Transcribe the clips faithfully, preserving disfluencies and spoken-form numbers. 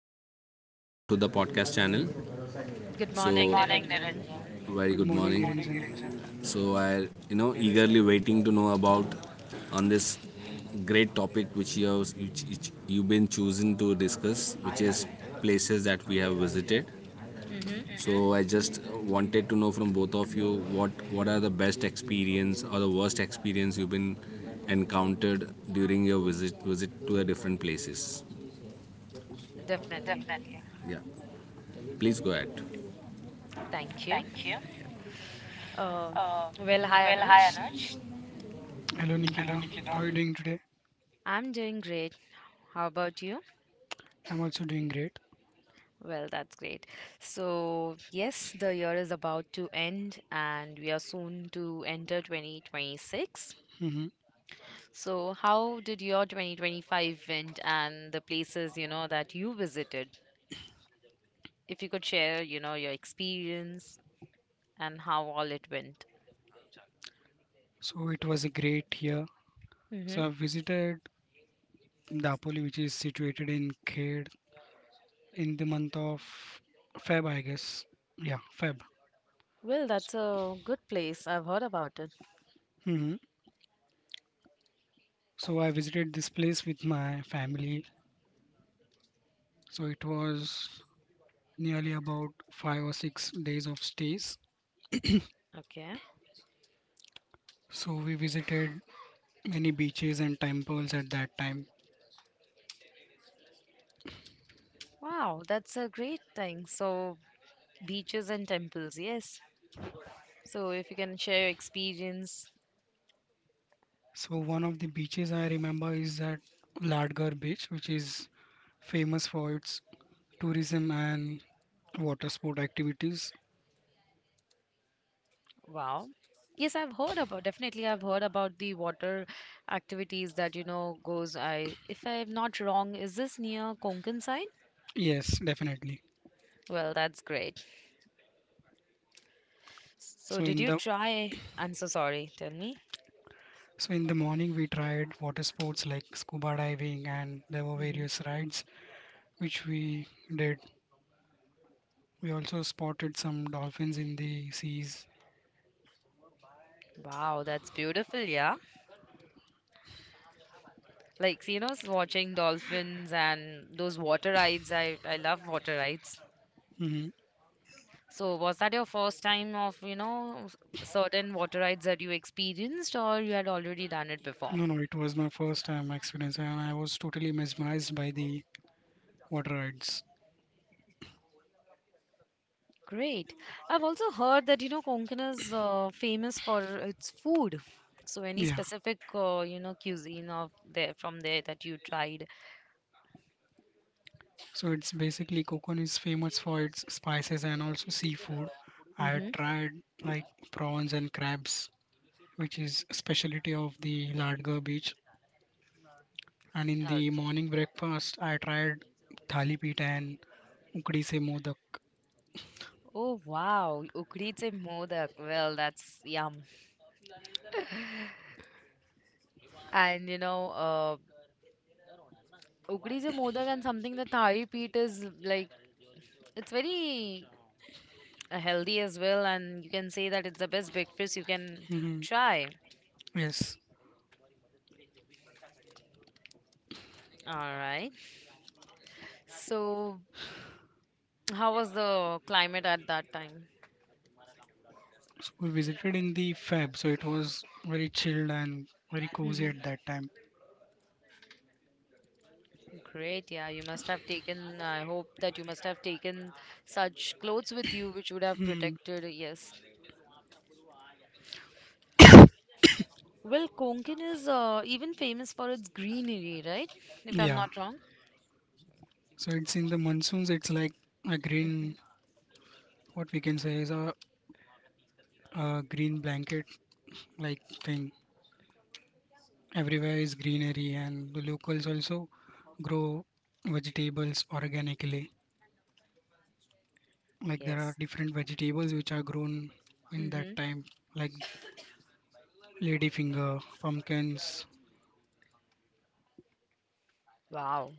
and Anuj. Welcome to the podcast channel. Good Good So, morning, morning, Niranjan. Niranjan. Very Good good morning, Niranjan. morning. So, I, you know, eagerly waiting to know about on this great topic which you have, which, which you've been chosen to discuss, which is places that we have visited. hmm So, I just wanted to know from both of you what what are the best experience or the worst experience you've been encountered during your visit visit to the different places. Definitely. Definitely. Yeah, please go ahead. Thank you. Thank you. Uh, Uh, well, hi, well, hi, Anuj. Anuj. Hello, Nikita. How are you doing today? I'm doing great. How about you? I'm also doing great. Well, that's great. So, yes, the year is about to end and we are soon to enter twenty twenty-six. Hmm. So, how did your twenty twenty-five went and the places, you know, that you visited? If you could share, you know, your experience and how all it went. So it was a great year. Mm-hmm. So I visited Dapoli, which is situated in Khed, in the month of Feb, I guess. Yeah, Feb. Well, that's a good place. I've heard about it. Hmm. So I visited this place with my family. So it was nearly about five or six days of stays. Okay. So we visited many beaches and temples at that time. Wow, that's a great thing. So, beaches and temples, yes. So, if you can share your experience, So one of the beaches I remember is at Ladgar Beach, which is famous for its tourism and water sport activities. wow. Yes, I've heard about, definitely I've heard about the water activities that, you know, goes, I, if I'm not wrong, is this near Konkan side? Yes, definitely. Well, that's great. So, So did in you the try? I'm so sorry. Tell me. so in the morning we tried water sports like scuba diving, and there were hmm various rides which we did. We also spotted some dolphins in the seas. Wow, that's beautiful, yeah. Like, you know, s- watching dolphins and those water rides. I, I love water rides. Hmm. So was that your first time of, you know, s- certain water rides that you experienced or you had already done it before? No, no, it was my first time experience, and I was totally mesmerized by the water rides. Great. I've also heard that, you know, Konkan is uh, famous for its food. So any Yeah. specific, uh, you know, cuisine of there from there that you tried? So it's basically Kokon is famous for its spices and also seafood. I had Mm-hmm. tried like prawns and crabs, which is specialty of the Ladgar beach. And in the morning breakfast, I tried thali pita and ukdi se modak. Oh wow, Ukdi se modak. Well, that's yum. And you know, uh, Ukdi se modak and something that thali peet is like it's very uh, healthy as well, and you can say that it's the best breakfast you can Hmm. try. Yes, All right, so how was the climate at that time? so we visited in the Feb, so it was very chilled and very cozy hmm at that time. Great, yeah. You must have taken, I hope that you must have taken such clothes with you which would have Hmm. protected, yes. Well, Konkan is uh, even famous for its greenery, right? If I'm Yeah, not wrong. so it's in the monsoons. It's like a green, what we can say is a, a green blanket like thing. Everywhere is greenery, and the locals also grow vegetables organically, like there are Yes. different vegetables which are grown in that Mm-hmm. time, like ladyfinger, pumpkins. Wow.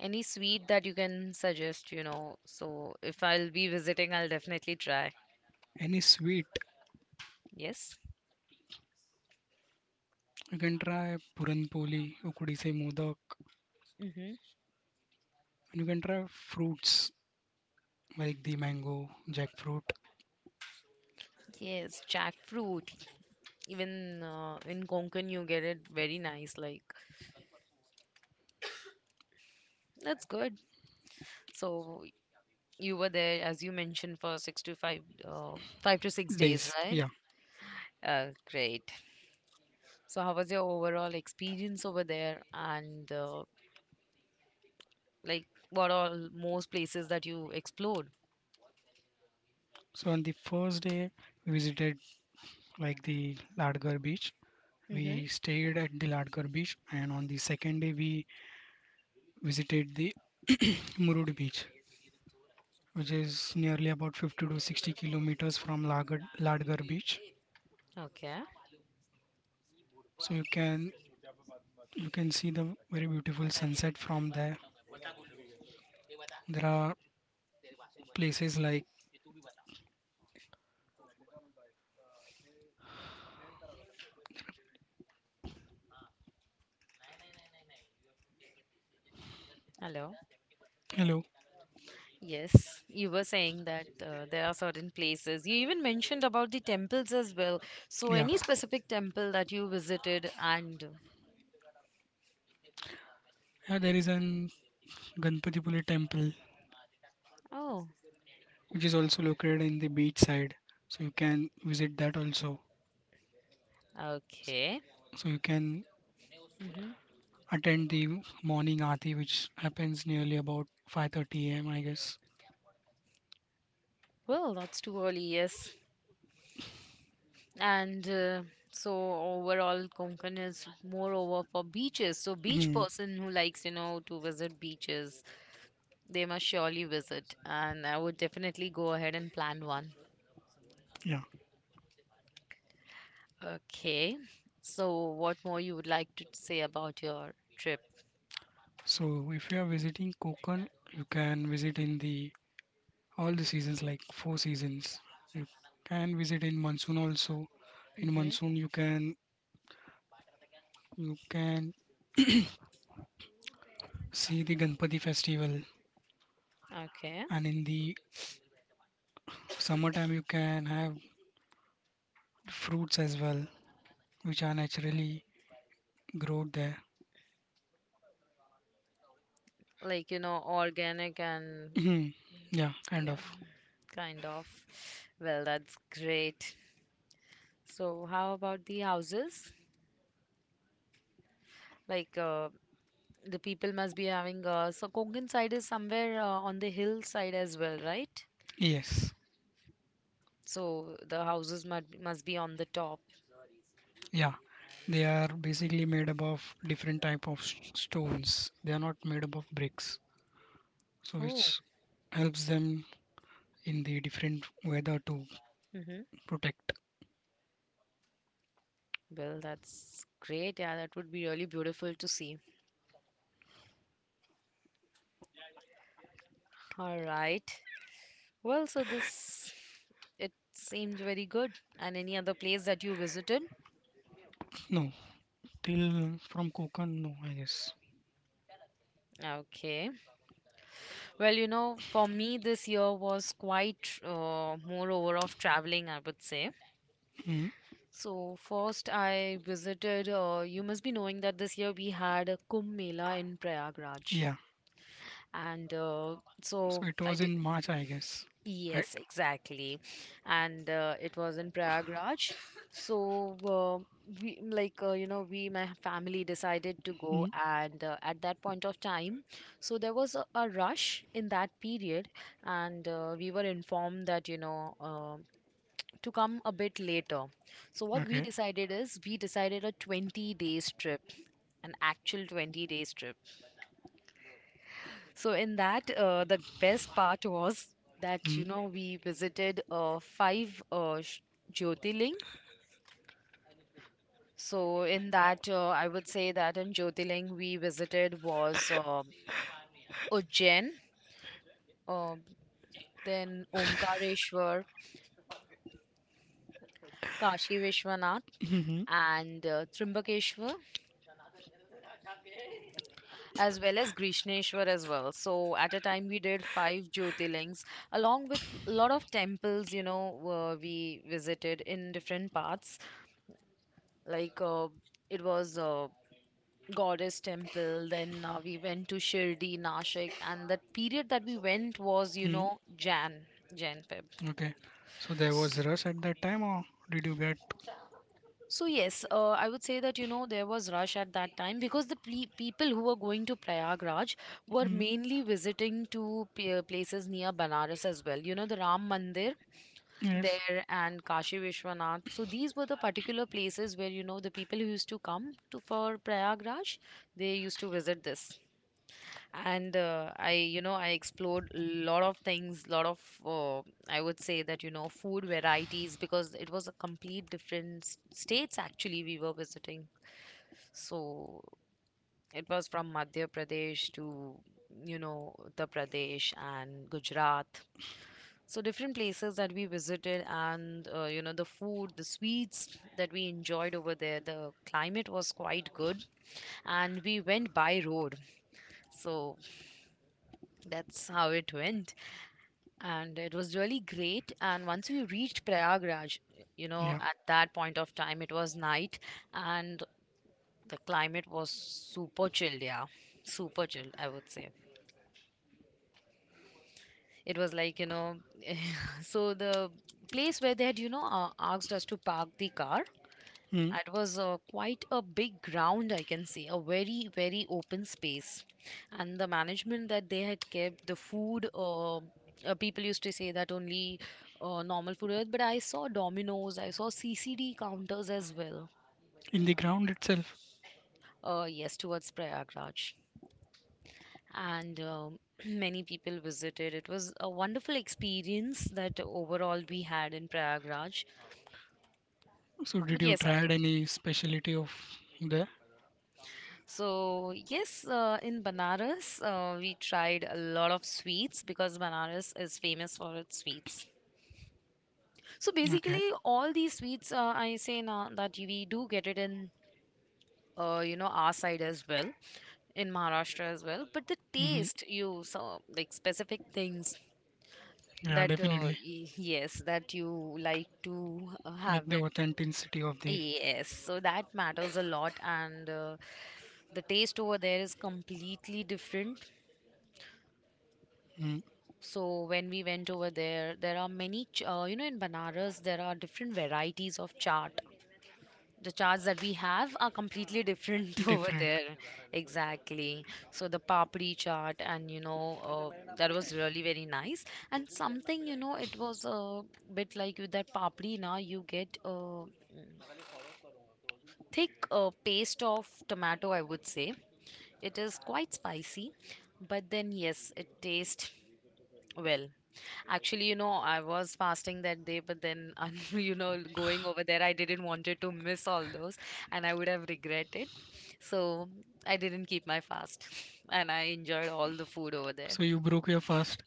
Any sweet that you can suggest, you know, so if I'll be visiting I'll definitely try. Any sweet? Yes. You can try puranpoli, ukudi se modak. Mm-hmm. And you can try fruits like the mango, jackfruit. Yes, jackfruit. Even uh, in Konkan, you get it very nice. Like, that's good. So, you were there, as you mentioned, for six to five, uh, five to six days, Days, right? yeah. Uh, great. So, how was your overall experience over there? And, uh, like, what all most places that you explored? So on the first day, we visited like the Ladgar beach. Mm-hmm. We stayed at the Ladkar beach, and on the second day, we visited the Murud beach, which is nearly about fifty to sixty kilometers from Lagad, Ladgar beach. Okay. So you can you can see the very beautiful sunset from there. There are places like Hello. hello, Yes, you were saying that uh, there are certain places. You even mentioned about the temples as well. So, yeah, any specific temple that you visited, and yeah. There is an Ganpatipuli temple, oh, which is also located in the beach side, so you can visit that also. okay. So you can hmm attend the morning aarti, which happens nearly about five thirty a m. I guess. Well, that's too early, yes. And uh, so overall, Konkan is moreover for beaches. So, beach Hmm. person who likes, you know, to visit beaches, they must surely visit. And I would definitely go ahead and plan one. Yeah. Okay. So, what more you would like to say about your trip? So if you are visiting Konkan, you can visit in the all the seasons like four seasons. You can visit in monsoon also. In Mm-hmm. monsoon you can you can see the Ganpati festival, Okay. and in the summertime you can have fruits as well, which are naturally growth there. Like, you know, organic and Mhm. Yeah, kind of. yeah, kind of. Well, that's great. So, how about the houses? Like, uh, the people must be having uh, so Konkan side is somewhere uh, on the hillside as well, right? Yes. So the houses must must be on the top. Yeah. They are basically made up of different type of s- stones. They are not made up of bricks. So Oh, which helps them in the different weather to mm-hmm. protect. Well, that's great. Yeah, that would be really beautiful to see. All right. Well, so this, it seems very good. And any other place that you visited? No. Till from Kokan, no, I guess. Okay. Well, you know, for me, this year was quite uh, moreover of traveling, I would say. Mm, So, first, I visited, uh, you must be knowing that this year we had a Kumbh Mela in Prayagraj. yeah. And uh, So so it I. was in March, I guess. Right? Yes, exactly. And uh, it was in Prayagraj. So, uh, we like, uh, you know, we, my family decided to go, Mm, and uh, at that point of time, so there was a, a rush in that period, and uh, we were informed that, you know, uh, to come a bit later. So, what we okay. decided is we decided a twenty days trip, an actual twenty days trip. So in that, uh, the best part was that you Mm. know we visited uh, five uh, sh- Jyotirling. So in that, uh, I would say that in Jyotirling we visited was um Ujjain, uh, then Omkareshwar, Kashi Vishwanath, Mhm. and uh, Trimbakeshwar, as well as Grishneshwar as well. So at a time we did five Jyotirlings, along with a lot of temples. You know, uh, we visited in different parts, like uh, it was a goddess temple. Then uh, we went to Shirdi, Nashik, and that period that we went was, you Mm. know, jan Jan, Feb. Okay. So there was rush at that time, or did you get? So yes, uh, I would say that, you know, there was rush at that time because the ple- people who were going to Prayagraj were Mm. mainly visiting to p- places near Banaras as well, you know, the Ram Mandir Yes. there, and Kashi Vishwanath. So these were the particular places where, you know, the people who used to come to for Prayagraj, they used to visit this. And uh, I, you know, I explored a lot of things, lot of, uh, I would say that, you know, food varieties, because it was a complete different s- states actually we were visiting. So it was from Madhya Pradesh to, you know, Uttar Pradesh and Gujarat. So different places that we visited, and uh, you know, the food, the sweets that we enjoyed over there, the climate was quite good, and we went by road. So that's how it went. And it was really great, and once we reached Prayagraj, you know, Yeah. at that point of time it was night, and the climate was super chilled, yeah. Super chilled, I would say. It was like, you know, so the place where they had, you know, uh, asked us to park the car, Mm. it was uh, quite a big ground, I can say, a very, very open space. And the management that they had kept, the food, uh, uh, people used to say that only uh, normal food, was- but I saw Domino's, I saw C C D counters as well. In the ground itself. Uh, yes, towards Prayagraj. And um, many people visited. It was a wonderful experience that overall we had in Prayagraj. So did But you yes, I, tried any specialty of there? So, yes, uh, in Banaras, uh, we tried a lot of sweets because Banaras is famous for its sweets. So, Okay. basically, all these sweets, uh, I say now that we do get it in, uh, you know, our side as well, in Maharashtra as well. But the Mm-hmm. taste, you saw like specific things Yeah, that, uh, definitely. y- yes, that you like to uh, Like have the it. authenticity of the. Yes, so that matters a lot, and uh, the taste over there is completely different. Mm. So when we went over there, there are many, ch- uh, you know, in Banaras, there are different varieties of chaat. The chaats that we have are completely different over Different. there. Exactly. So the papri chaat, and you know, uh, that was really very nice. And something, you know, it was a bit like with that papri, now you get a thick uh, paste of tomato, I would say. It is quite spicy, but then yes, it tastes well. Actually, you know, I was fasting that day, but then, um, you know, going over there, I didn't wanted to miss all those, and I would have regretted. So I didn't keep my fast, and I enjoyed all the food over there. So you broke your fast.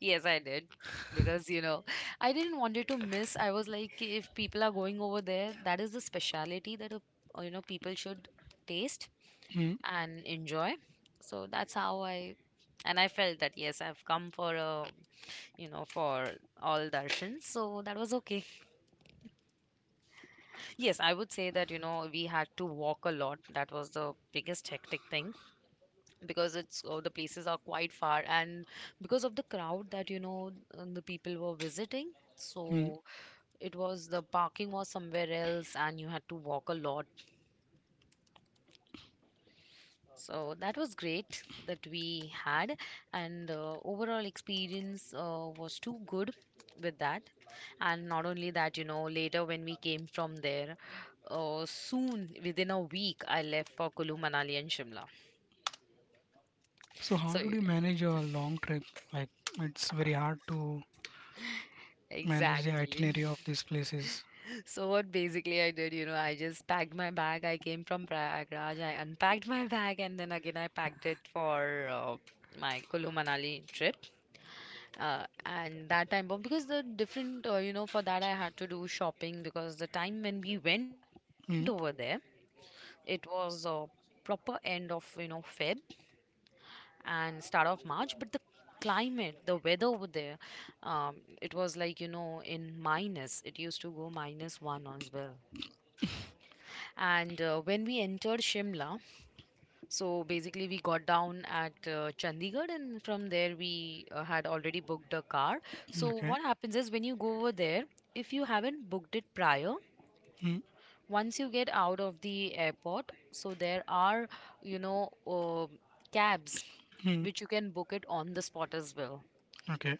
Yes, I did, because you know, I didn't wanted to miss. I was like, if people are going over there, that is the speciality that a, uh, you know, people should taste and enjoy. So that's how I, and I felt that yes, I've come for a, you know, for all darshans. So that was okay. Yes, I would say that, you know, we had to walk a lot. That was the biggest hectic thing because it's oh, the places are quite far, and because of the crowd that, you know, uh, the people were visiting. Mm. So it was, the parking was somewhere else and you had to walk a lot. So that was great that we had, and uh, overall experience uh, was too good with that. And not only that, you know, later when we came from there, uh, soon within a week, I left for Kulu, Manali, and Shimla. So how So did you manage a long trip? Like it's very hard to manage the exactly. itinerary of these places. So what basically I did, you know, I just packed my bag. I came from Prayagraj. I unpacked my bag, and then again I packed it for uh, my Kulu, Manali trip. Uh, and that time bomb because the different uh, you know, for that I had to do shopping because the time when we went over there, Mm, it was uh, proper end of, you know, Feb and start of March. But the climate, the weather over there, um, it was like, you know, in minus, it used to go minus one as well. And uh, when we entered Shimla, so basically, we got down at uh, Chandigarh, and from there, we uh, had already booked a car. So okay. what happens is when you go over there, if you haven't booked it prior, Mm, once you get out of the airport, so there are, you know, uh, cabs mm, which you can book it on the spot as well. okay.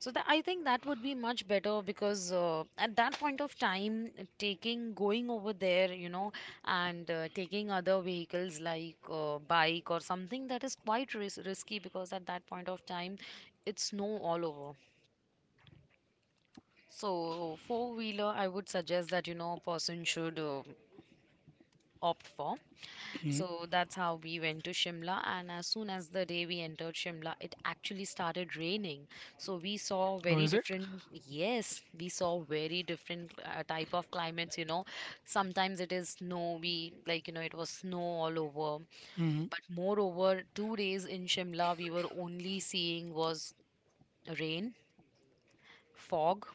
So that I think that would be much better because uh, at that point of time, taking going over there, you know, and uh, taking other vehicles like uh, bike or something, that is quite ris- risky because at that point of time, it's snow all over. So four wheeler, I would suggest that, you know, a person should uh, opt for. Mm. So that's how we went to Shimla. And as soon as the day we entered Shimla, it actually started raining. So we saw Oh, very is it? different, yes, we saw very different uh, type of climates, you know. Sometimes it is snowy, like, you know, it was snow all over. Mm, But moreover, two days in Shimla, we were only seeing was rain, fog,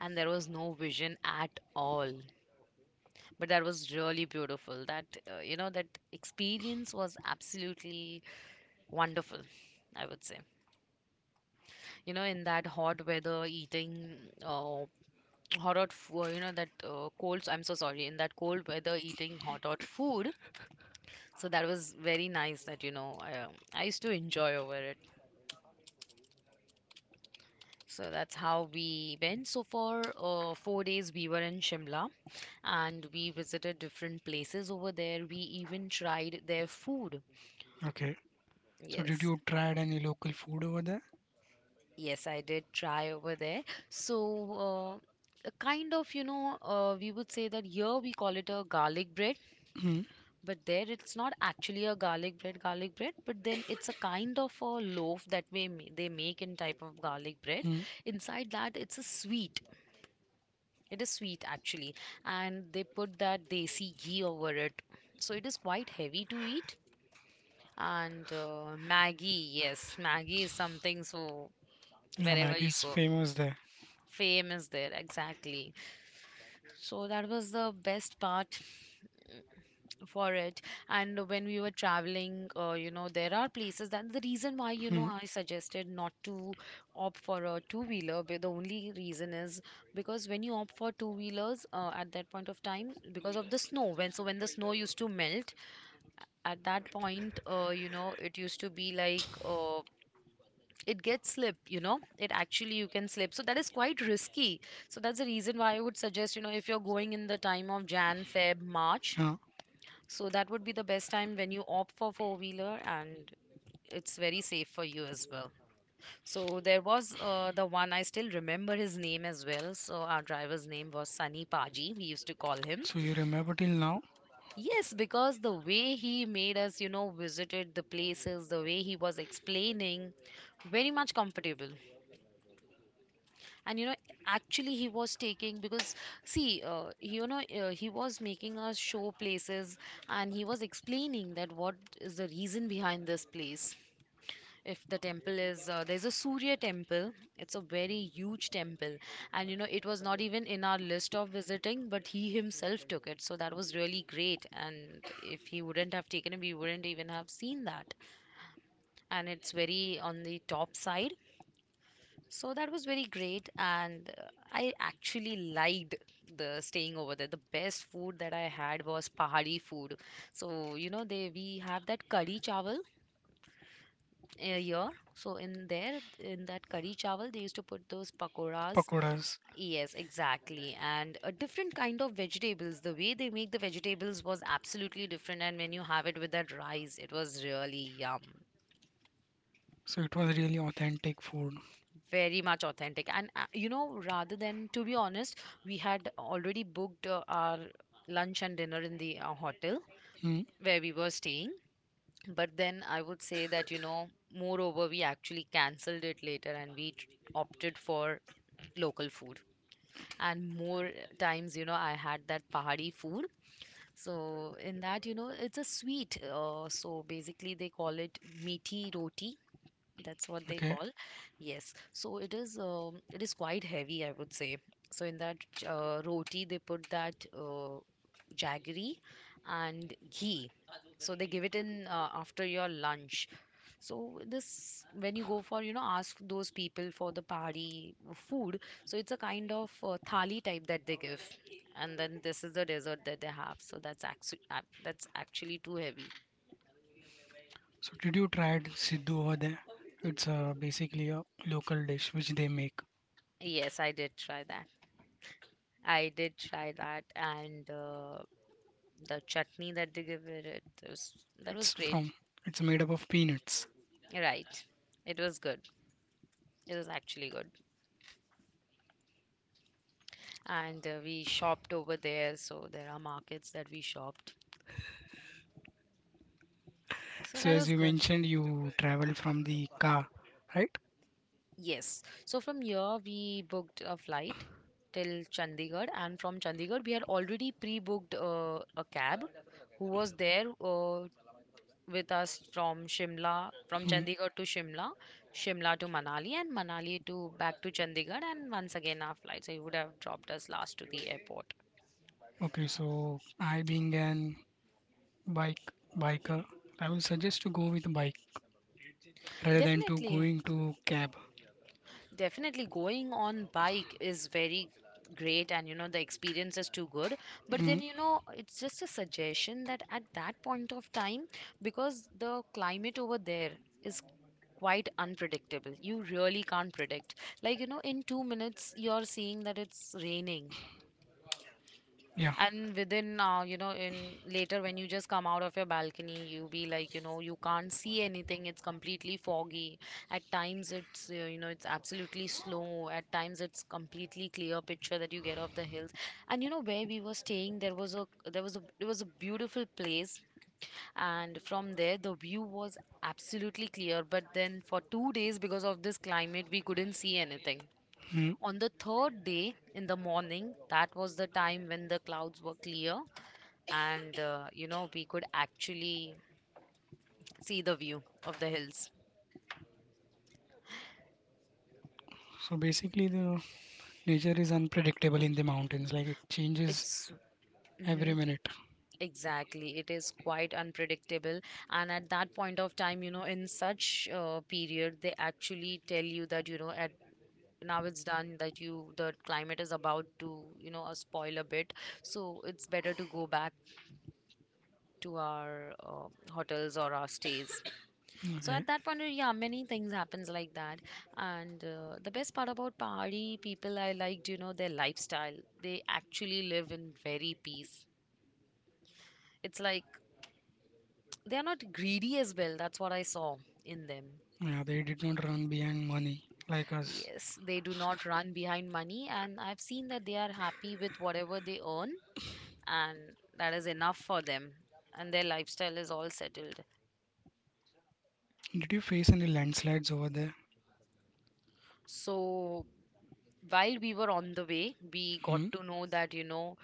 and there was no vision at all. But that was really beautiful. That, uh, you know, that experience was absolutely wonderful, I would say. You know, in that hot weather eating uh, hot hot food, you know, that uh, cold, I'm so sorry, in that cold weather eating hot hot food. So that was very nice that, you know i, um, I used to enjoy over it. So that's how we went. So for uh, four days we were in Shimla, and we visited different places over there. We even tried their food, okay. So did yes. you try any local food over there? Yes, I did try over there. So, uh, a kind of, you know, uh, we would say that here we call it a garlic bread, Mm. but there it's not actually a garlic bread, garlic bread, but then it's a kind of a loaf that we, ma- they make in type of garlic bread. Mm. Inside that, it's a sweet. It is sweet actually, and they put that desi ghee over it. So it is quite heavy to eat. And uh, Maggie, yes, Maggie is something, so Yeah, wherever Maggie you is go. famous there. Fame is there exactly. So that was the best part for it. And when we were traveling, uh, you know, there are places that the reason why, you know, Mm. I suggested not to opt for a two wheeler, the only reason is because when you opt for two wheelers uh, at that point of time, because of the snow, when so when the snow used to melt at that point, uh, you know, it used to be like, uh, it gets slip, you know, it actually you can slip. So that is quite risky. So that's the reason why I would suggest, you know, if you're going in the time of Jan, Feb, March, Yeah, so that would be the best time when you opt for four wheeler, and it's very safe for you as well. So there was uh, the one, I still remember his name as well. So our driver's name was Sunny Paji, we used to call him. so you remember till now. Yes, because the way he made us, you know, visited the places, the way he was explaining, very much comfortable. And you know, actually he was taking because see, uh, you know uh, he was making us show places, and he was explaining that what is the reason behind this place. If the temple is uh, there's a Surya temple, it's a very huge temple, and you know, it was not even in our list of visiting, but he himself took it. So that was really great, and if he wouldn't have taken it, we wouldn't even have seen that. And it's very on the top side. So that was very great, and uh, I actually liked the staying over there. The best food that I had was Pahari food. So you know, they we have that curry chawal uh, here. So in there, in that curry chawal, they used to put those pakoras. Pakoras. Yes, exactly, and a different kind of vegetables. The way they make the vegetables was absolutely different, and when you have it with that rice, it was really yum. So it was really authentic food. Very much authentic, and uh, you know, rather, than to be honest, we had already booked uh, our lunch and dinner in the uh, hotel Hmm. where we were staying. But then I would say that, you know, moreover we actually cancelled it later, and we tr- opted for local food, and more times, you know, I had that Pahari food. So in that, you know, it's a sweet, uh, so basically they call it meaty roti, that's what they Okay. call. Yes. So it is, um, it is quite heavy, I would say. So in that uh, roti, they put that uh, jaggery and ghee. So they give it in uh, after your lunch. So this, when you go for, you know, ask those people for the party food. So it's a kind of uh, thali type that they give. And then this is the dessert that they have. So that's actually that's actually too heavy. So did you try Siddu over there? It's uh, basically a local dish which they make. Yes, I did try that. I did try that, and uh, the chutney that they give it, it was, that was It's great. from it's made up of peanuts. Right. It was good. It was actually good. And uh, we shopped over there, so there are markets that we shopped. So So that as was you good. mentioned, you travel from the car, right? Yes. So from here we booked a flight till Chandigarh, and from Chandigarh we had already pre-booked uh, a cab who was there uh, with us from Shimla, from Hmm. Chandigarh to Shimla, Shimla to Manali, and Manali to back to Chandigarh, and once again our flight. So he would have dropped us last to the airport. Okay, so I being an bike biker, I will suggest to go with bike rather than to Definitely, going to cab. definitely going on bike is very great, and you know, the experience is too good. But Mm, then you know, it's just a suggestion that at that point of time, because the climate over there is quite unpredictable, you really can't predict. Like you know, in two minutes you're seeing that it's raining. yeah. And within, uh, you know, in later, when you just come out of your balcony, you be like, you know, you can't see anything. It's completely foggy. At times, it's uh, you know, it's absolutely slow. At times, it's completely clear picture that you get of the hills. And you know, where we were staying, there was a there was a it was a beautiful place, and from there the view was absolutely clear. But then for two days, because of this climate, we couldn't see anything. Mm. On the third day in the morning, that was the time when the clouds were clear, and uh, you know, we could actually see the view of the hills. So basically, the nature is unpredictable in the mountains. Like it changes It's every mhm, minute. exactly, it is quite unpredictable. And at that point of time, you know, in such uh, period, they actually tell you that, you know, at now it's done, that you, the climate is about to, you know, uh, spoil a bit. So it's better to go back to our uh, hotels or our stays. So Okay. at that point, uh, yeah, many things happens like that. And uh, the best part about Pahari people, I liked, you know, their lifestyle. They actually live in very peace. It's like they are not greedy as well, that's what I saw in them. Yeah, they did not run behind money like us. Yes, they do not run behind money, and I've seen that they are happy with whatever they earn, and that is enough for them, and their lifestyle is all settled. Did you face any landslides over there? So while we were on the way, we got Mm, to know that, you know,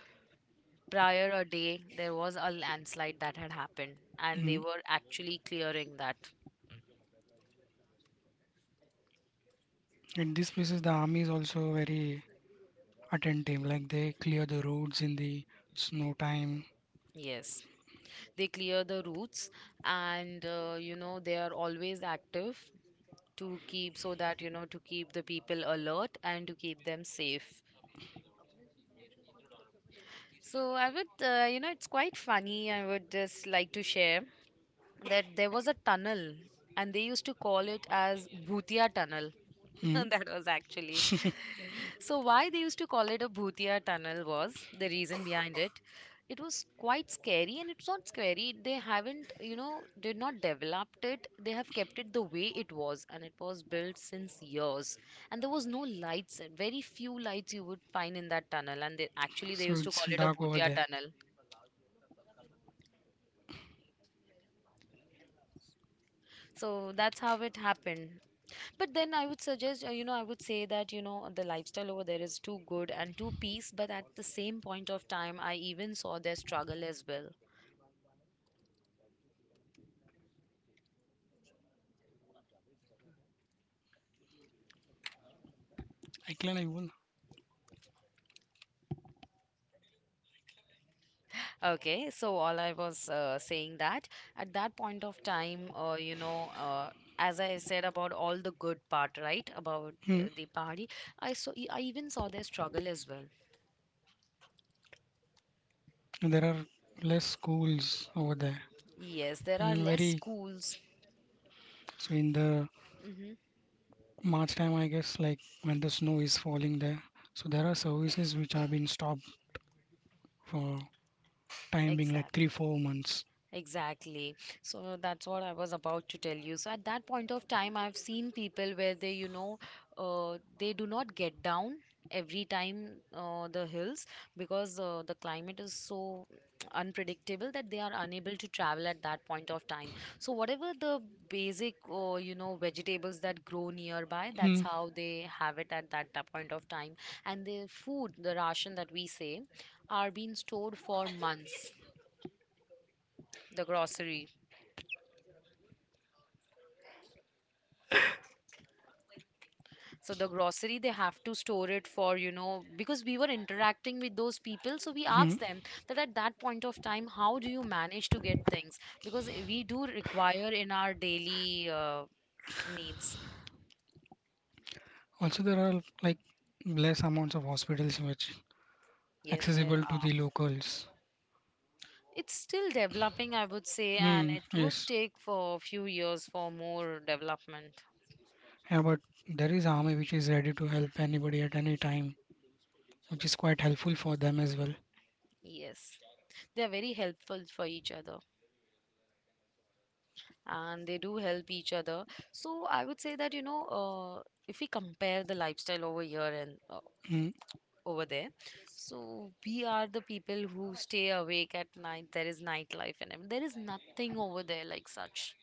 prior a day there was a landslide that had happened, and they mm. were actually clearing that. In these places, the army is also very attentive, like they clear the roads in the snow time. Yes, they clear the routes, and uh, you know, they are always active to keep, so that you know, to keep the people alert and to keep them safe. So I would, uh, you know, it's quite funny, I would just like to share that there was a tunnel, and they used to call it as Bhutia tunnel. Hmm. That was actually, so why they used to call it a Bhutia tunnel was the reason behind it. It was quite scary, and it's not scary. They haven't, you know, did not developed it. They have kept it the way it was, and it was built since years. And there was no lights, very few lights you would find in that tunnel. And they, actually, they So used to it's call it a dark over Bhutia there. tunnel. So that's how it happened. But then I would suggest, uh, you know, I would say that, you know, the lifestyle over there is too good and too peace. But at the same point of time, I even saw their struggle as well. Aiklan, I will. Okay, so all I was uh, saying that at that point of time, uh, you know, uh, as I said about all the good part, right, about Hmm. uh, the party, I saw, e, I even saw their struggle as well. There are less schools over there, Yes, there are and less very schools. so in the Hmm. March time, I guess, like when the snow is falling there. So there are services which have been stopped for time being like three, Exactly. four months. Exactly. So that's what I was about to tell you. So at that point of time, I've seen people where they, you know, uh, they do not get down every time uh, the hills because uh, the climate is so unpredictable that they are unable to travel at that point of time. So whatever the basic, uh, you know, vegetables that grow nearby, that's Mm. how they have it at that ta- point of time. And the food, the ration that we say, are being stored for months. The grocery. So the grocery they have to store it for, you know, because we were interacting with those people. So we Mhm. asked them that at that point of time, how do you manage to get things? Because we do require in our daily uh, needs. Also, there are like less amounts of hospitals which Yes, there accessible to are. the locals. It's still developing, I would say, and Mm, it would yes, take for a few years for more development. yeah, but there is army which is ready to help anybody at any time, which is quite helpful for them as well. Yes, they are very helpful for each other and they do help each other. So I would say that, you know, uh, if we compare the lifestyle over here and uh, Mm, over there. So we are the people who stay awake at night. There is nightlife and everything. There is nothing over there like such.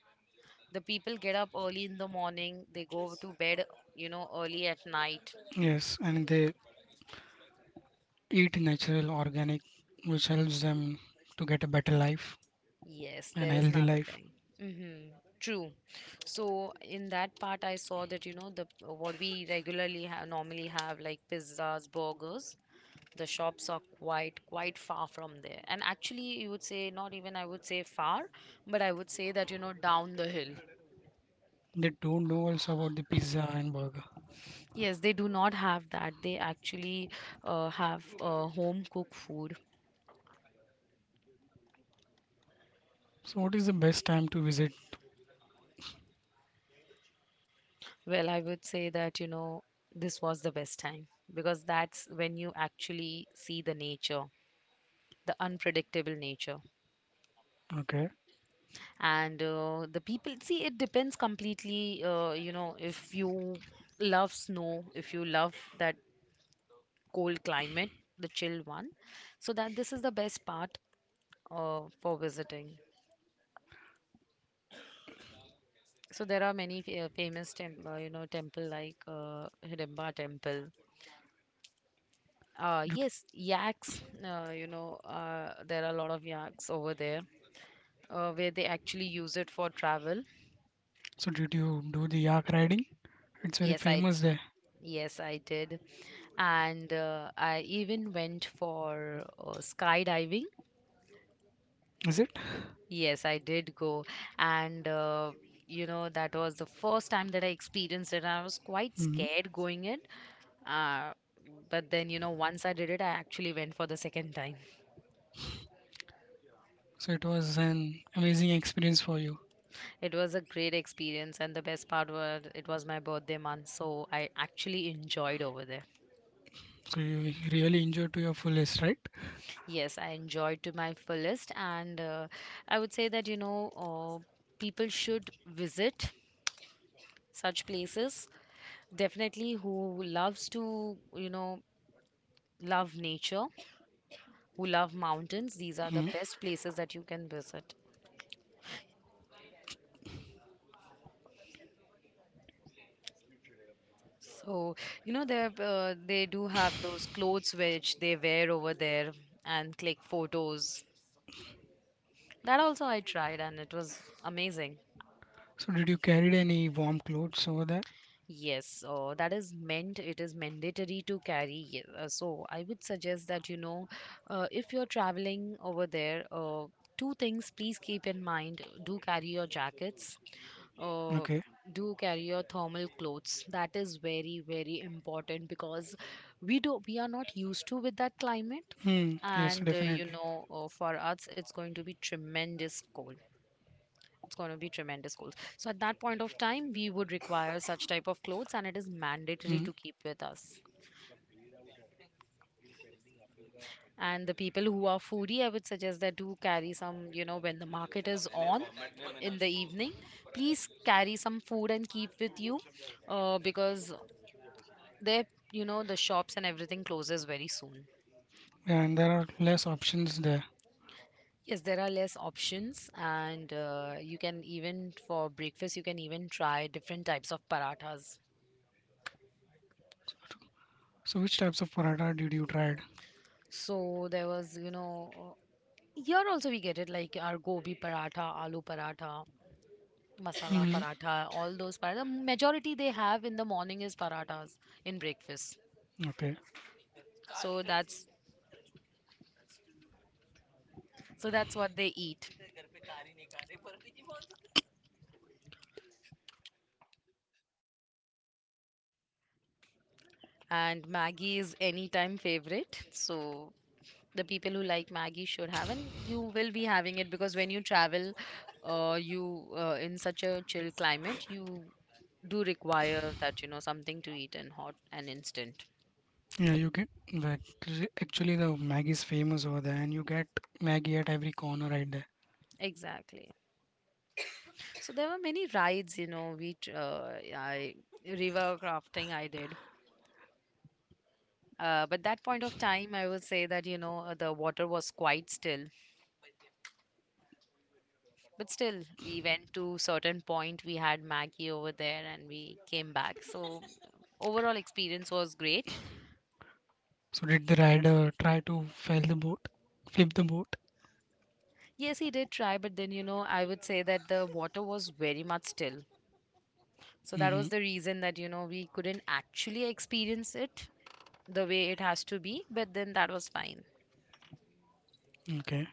The people get up early in the morning, they go to bed, you know, early at night. yes, and they eat natural organic which helps them to get a better life Yes, and there is healthy life. nothing. Mm-hmm. True. So in that part, I saw that you know the what we regularly have normally have like pizzas, burgers. The shops are quite quite far from there, and actually, you would say not even I would say far, but I would say that you know down the hill. They don't know also about the pizza and burger. Yes, they do not have that. They actually uh, have uh, home cooked food. So what is the best time to visit? Well, I would say that, you know, this was the best time because that's when you actually see the nature. The unpredictable nature Okay. and uh, the people see it depends completely uh, you know if you love snow, if you love that cold climate, the chill one, so that this is the best part uh, for visiting. So there are many fa- uh, famous tem- uh, you know temple like uh, Hidimba temple. uh, Did- yes, yaks, uh, you know uh, there are a lot of yaks over there, uh, where they actually use it for travel. so did you do the yak riding? It's very yes i famous there. Yes, I did. And uh, I even went for uh, skydiving. Is it? Yes, I did go. And, uh, you know, that was the first time that I experienced it. I was quite Hmm. scared going in. Uh, but then, you know, once I did it, I actually went for the second time. So it was an amazing experience for you. It was a great experience. And the best part was it was my birthday month. So I actually enjoyed over there. So you really enjoyed to your fullest, right? Yes, I enjoyed to my fullest, and uh, I would say that you know, uh, people should visit such places. Definitely, who loves to you know love nature, who love mountains, these are the Hmm. best places that you can visit. So you know, they uh, they do have those clothes which they wear over there and click photos. That also I tried, and it was amazing. So did you carry any warm clothes over there? Yes, uh, that is meant, it is mandatory to carry. Ye- Uh, so I would suggest that, you know, uh, if you're traveling over there, uh, two things please keep in mind. Do carry your jackets, uh, Okay. do carry your thermal clothes. That is very, very important because we do we are not used to with that climate. Hmm. Yes, And uh, you definitely. know, uh, for us, it's going to be tremendous cold, it's going to be tremendous cold. So at that point of time, we would require such type of clothes, and it is mandatory Hmm. to keep with us. And the people who are foodie, I would suggest that do carry some, you know, when the market is on in the evening, please carry some food and keep with you, uh, because they, you know, the shops and everything closes very soon. And there are less options there. Yes, there are less options, and uh, you can even for breakfast, you can even try different types of parathas. So which types of paratha did you tried? So there was, you know, here also we get it like our gobi paratha, aloo paratha, masala Hmm. paratha, all those paratha. Majority they have in the morning is parathas in breakfast. Okay. So that's so that's what they eat. And Maggie is anytime favorite. So the people who like Maggie should have, and you will be having it because when you travel, uh, you uh, in such a chill climate, you do require that you know something to eat and hot and instant. Yeah, you get like actually the Maggi is famous over there, and you get Maggi at every corner right there. Exactly. So there were many rides, you know, we tr- uh, I river crafting I did. Uh, but that point of time, I would say that you know uh, the water was quite still. But still, we went to certain point. We had Maggie over there, and we came back. So overall experience was great. So did the rider try to fail the boat, flip the boat? Yes, he did try, but then you know I would say that the water was very much still. So that Hmm. was the reason that you know we couldn't actually experience it the way it has to be. But then that was fine. Okay.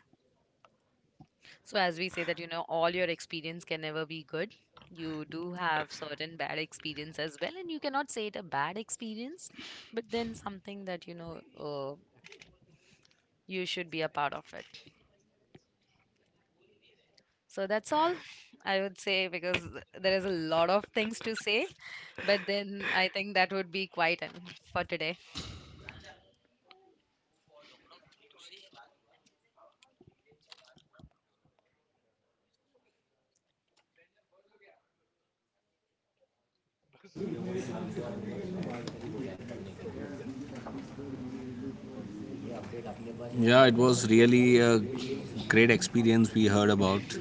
So, as we say that, you know, all your experience can never be good. You do have certain bad experience as well, and you cannot say it a bad experience, but then something that, you know, uh, you should be a part of it. So that's all I would say because there is a lot of things to say, but then I think that would be quite enough for today. Yeah, it was really a great experience we heard about,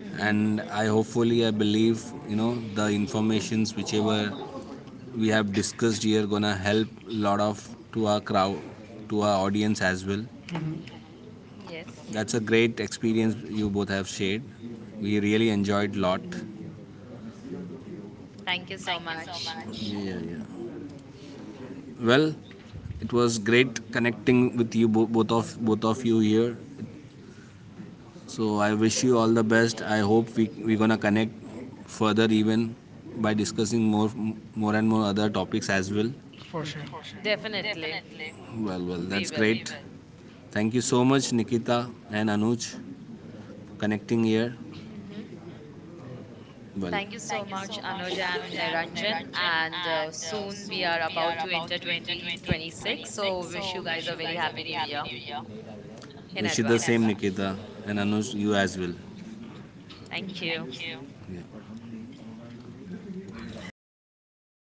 Hmm. and I hopefully I believe, you know, the informations whichever we have discussed here gonna help a lot of to our crowd, to our audience as well. Hmm. Yes. That's a great experience you both have shared. We really enjoyed lot. Thank you so Thank you so much. much. Yeah, yeah. Well, it was great connecting with you bo- both of both of you here. So I wish you all the best. I hope we we're gonna connect further even by discussing more more and more other topics as well. For sure. Definitely, Definitely. Well, well, we that's will. great. Thank you so much, Nikita and Anuj, connecting here. Hmm. Well, Thank you so thank you so much, much, Anuj and Anuj and Niranjan. Niranjan. And uh, And uh, soon we soon are we are about to about enter to enter twenty twenty-six. twenty twenty-six. So, wish you So guys wish a you very guys a happy very new happy year new year. in Wish you the same, advance. Nikita and Anuj, you as well. Thank you. Thank you. Yeah.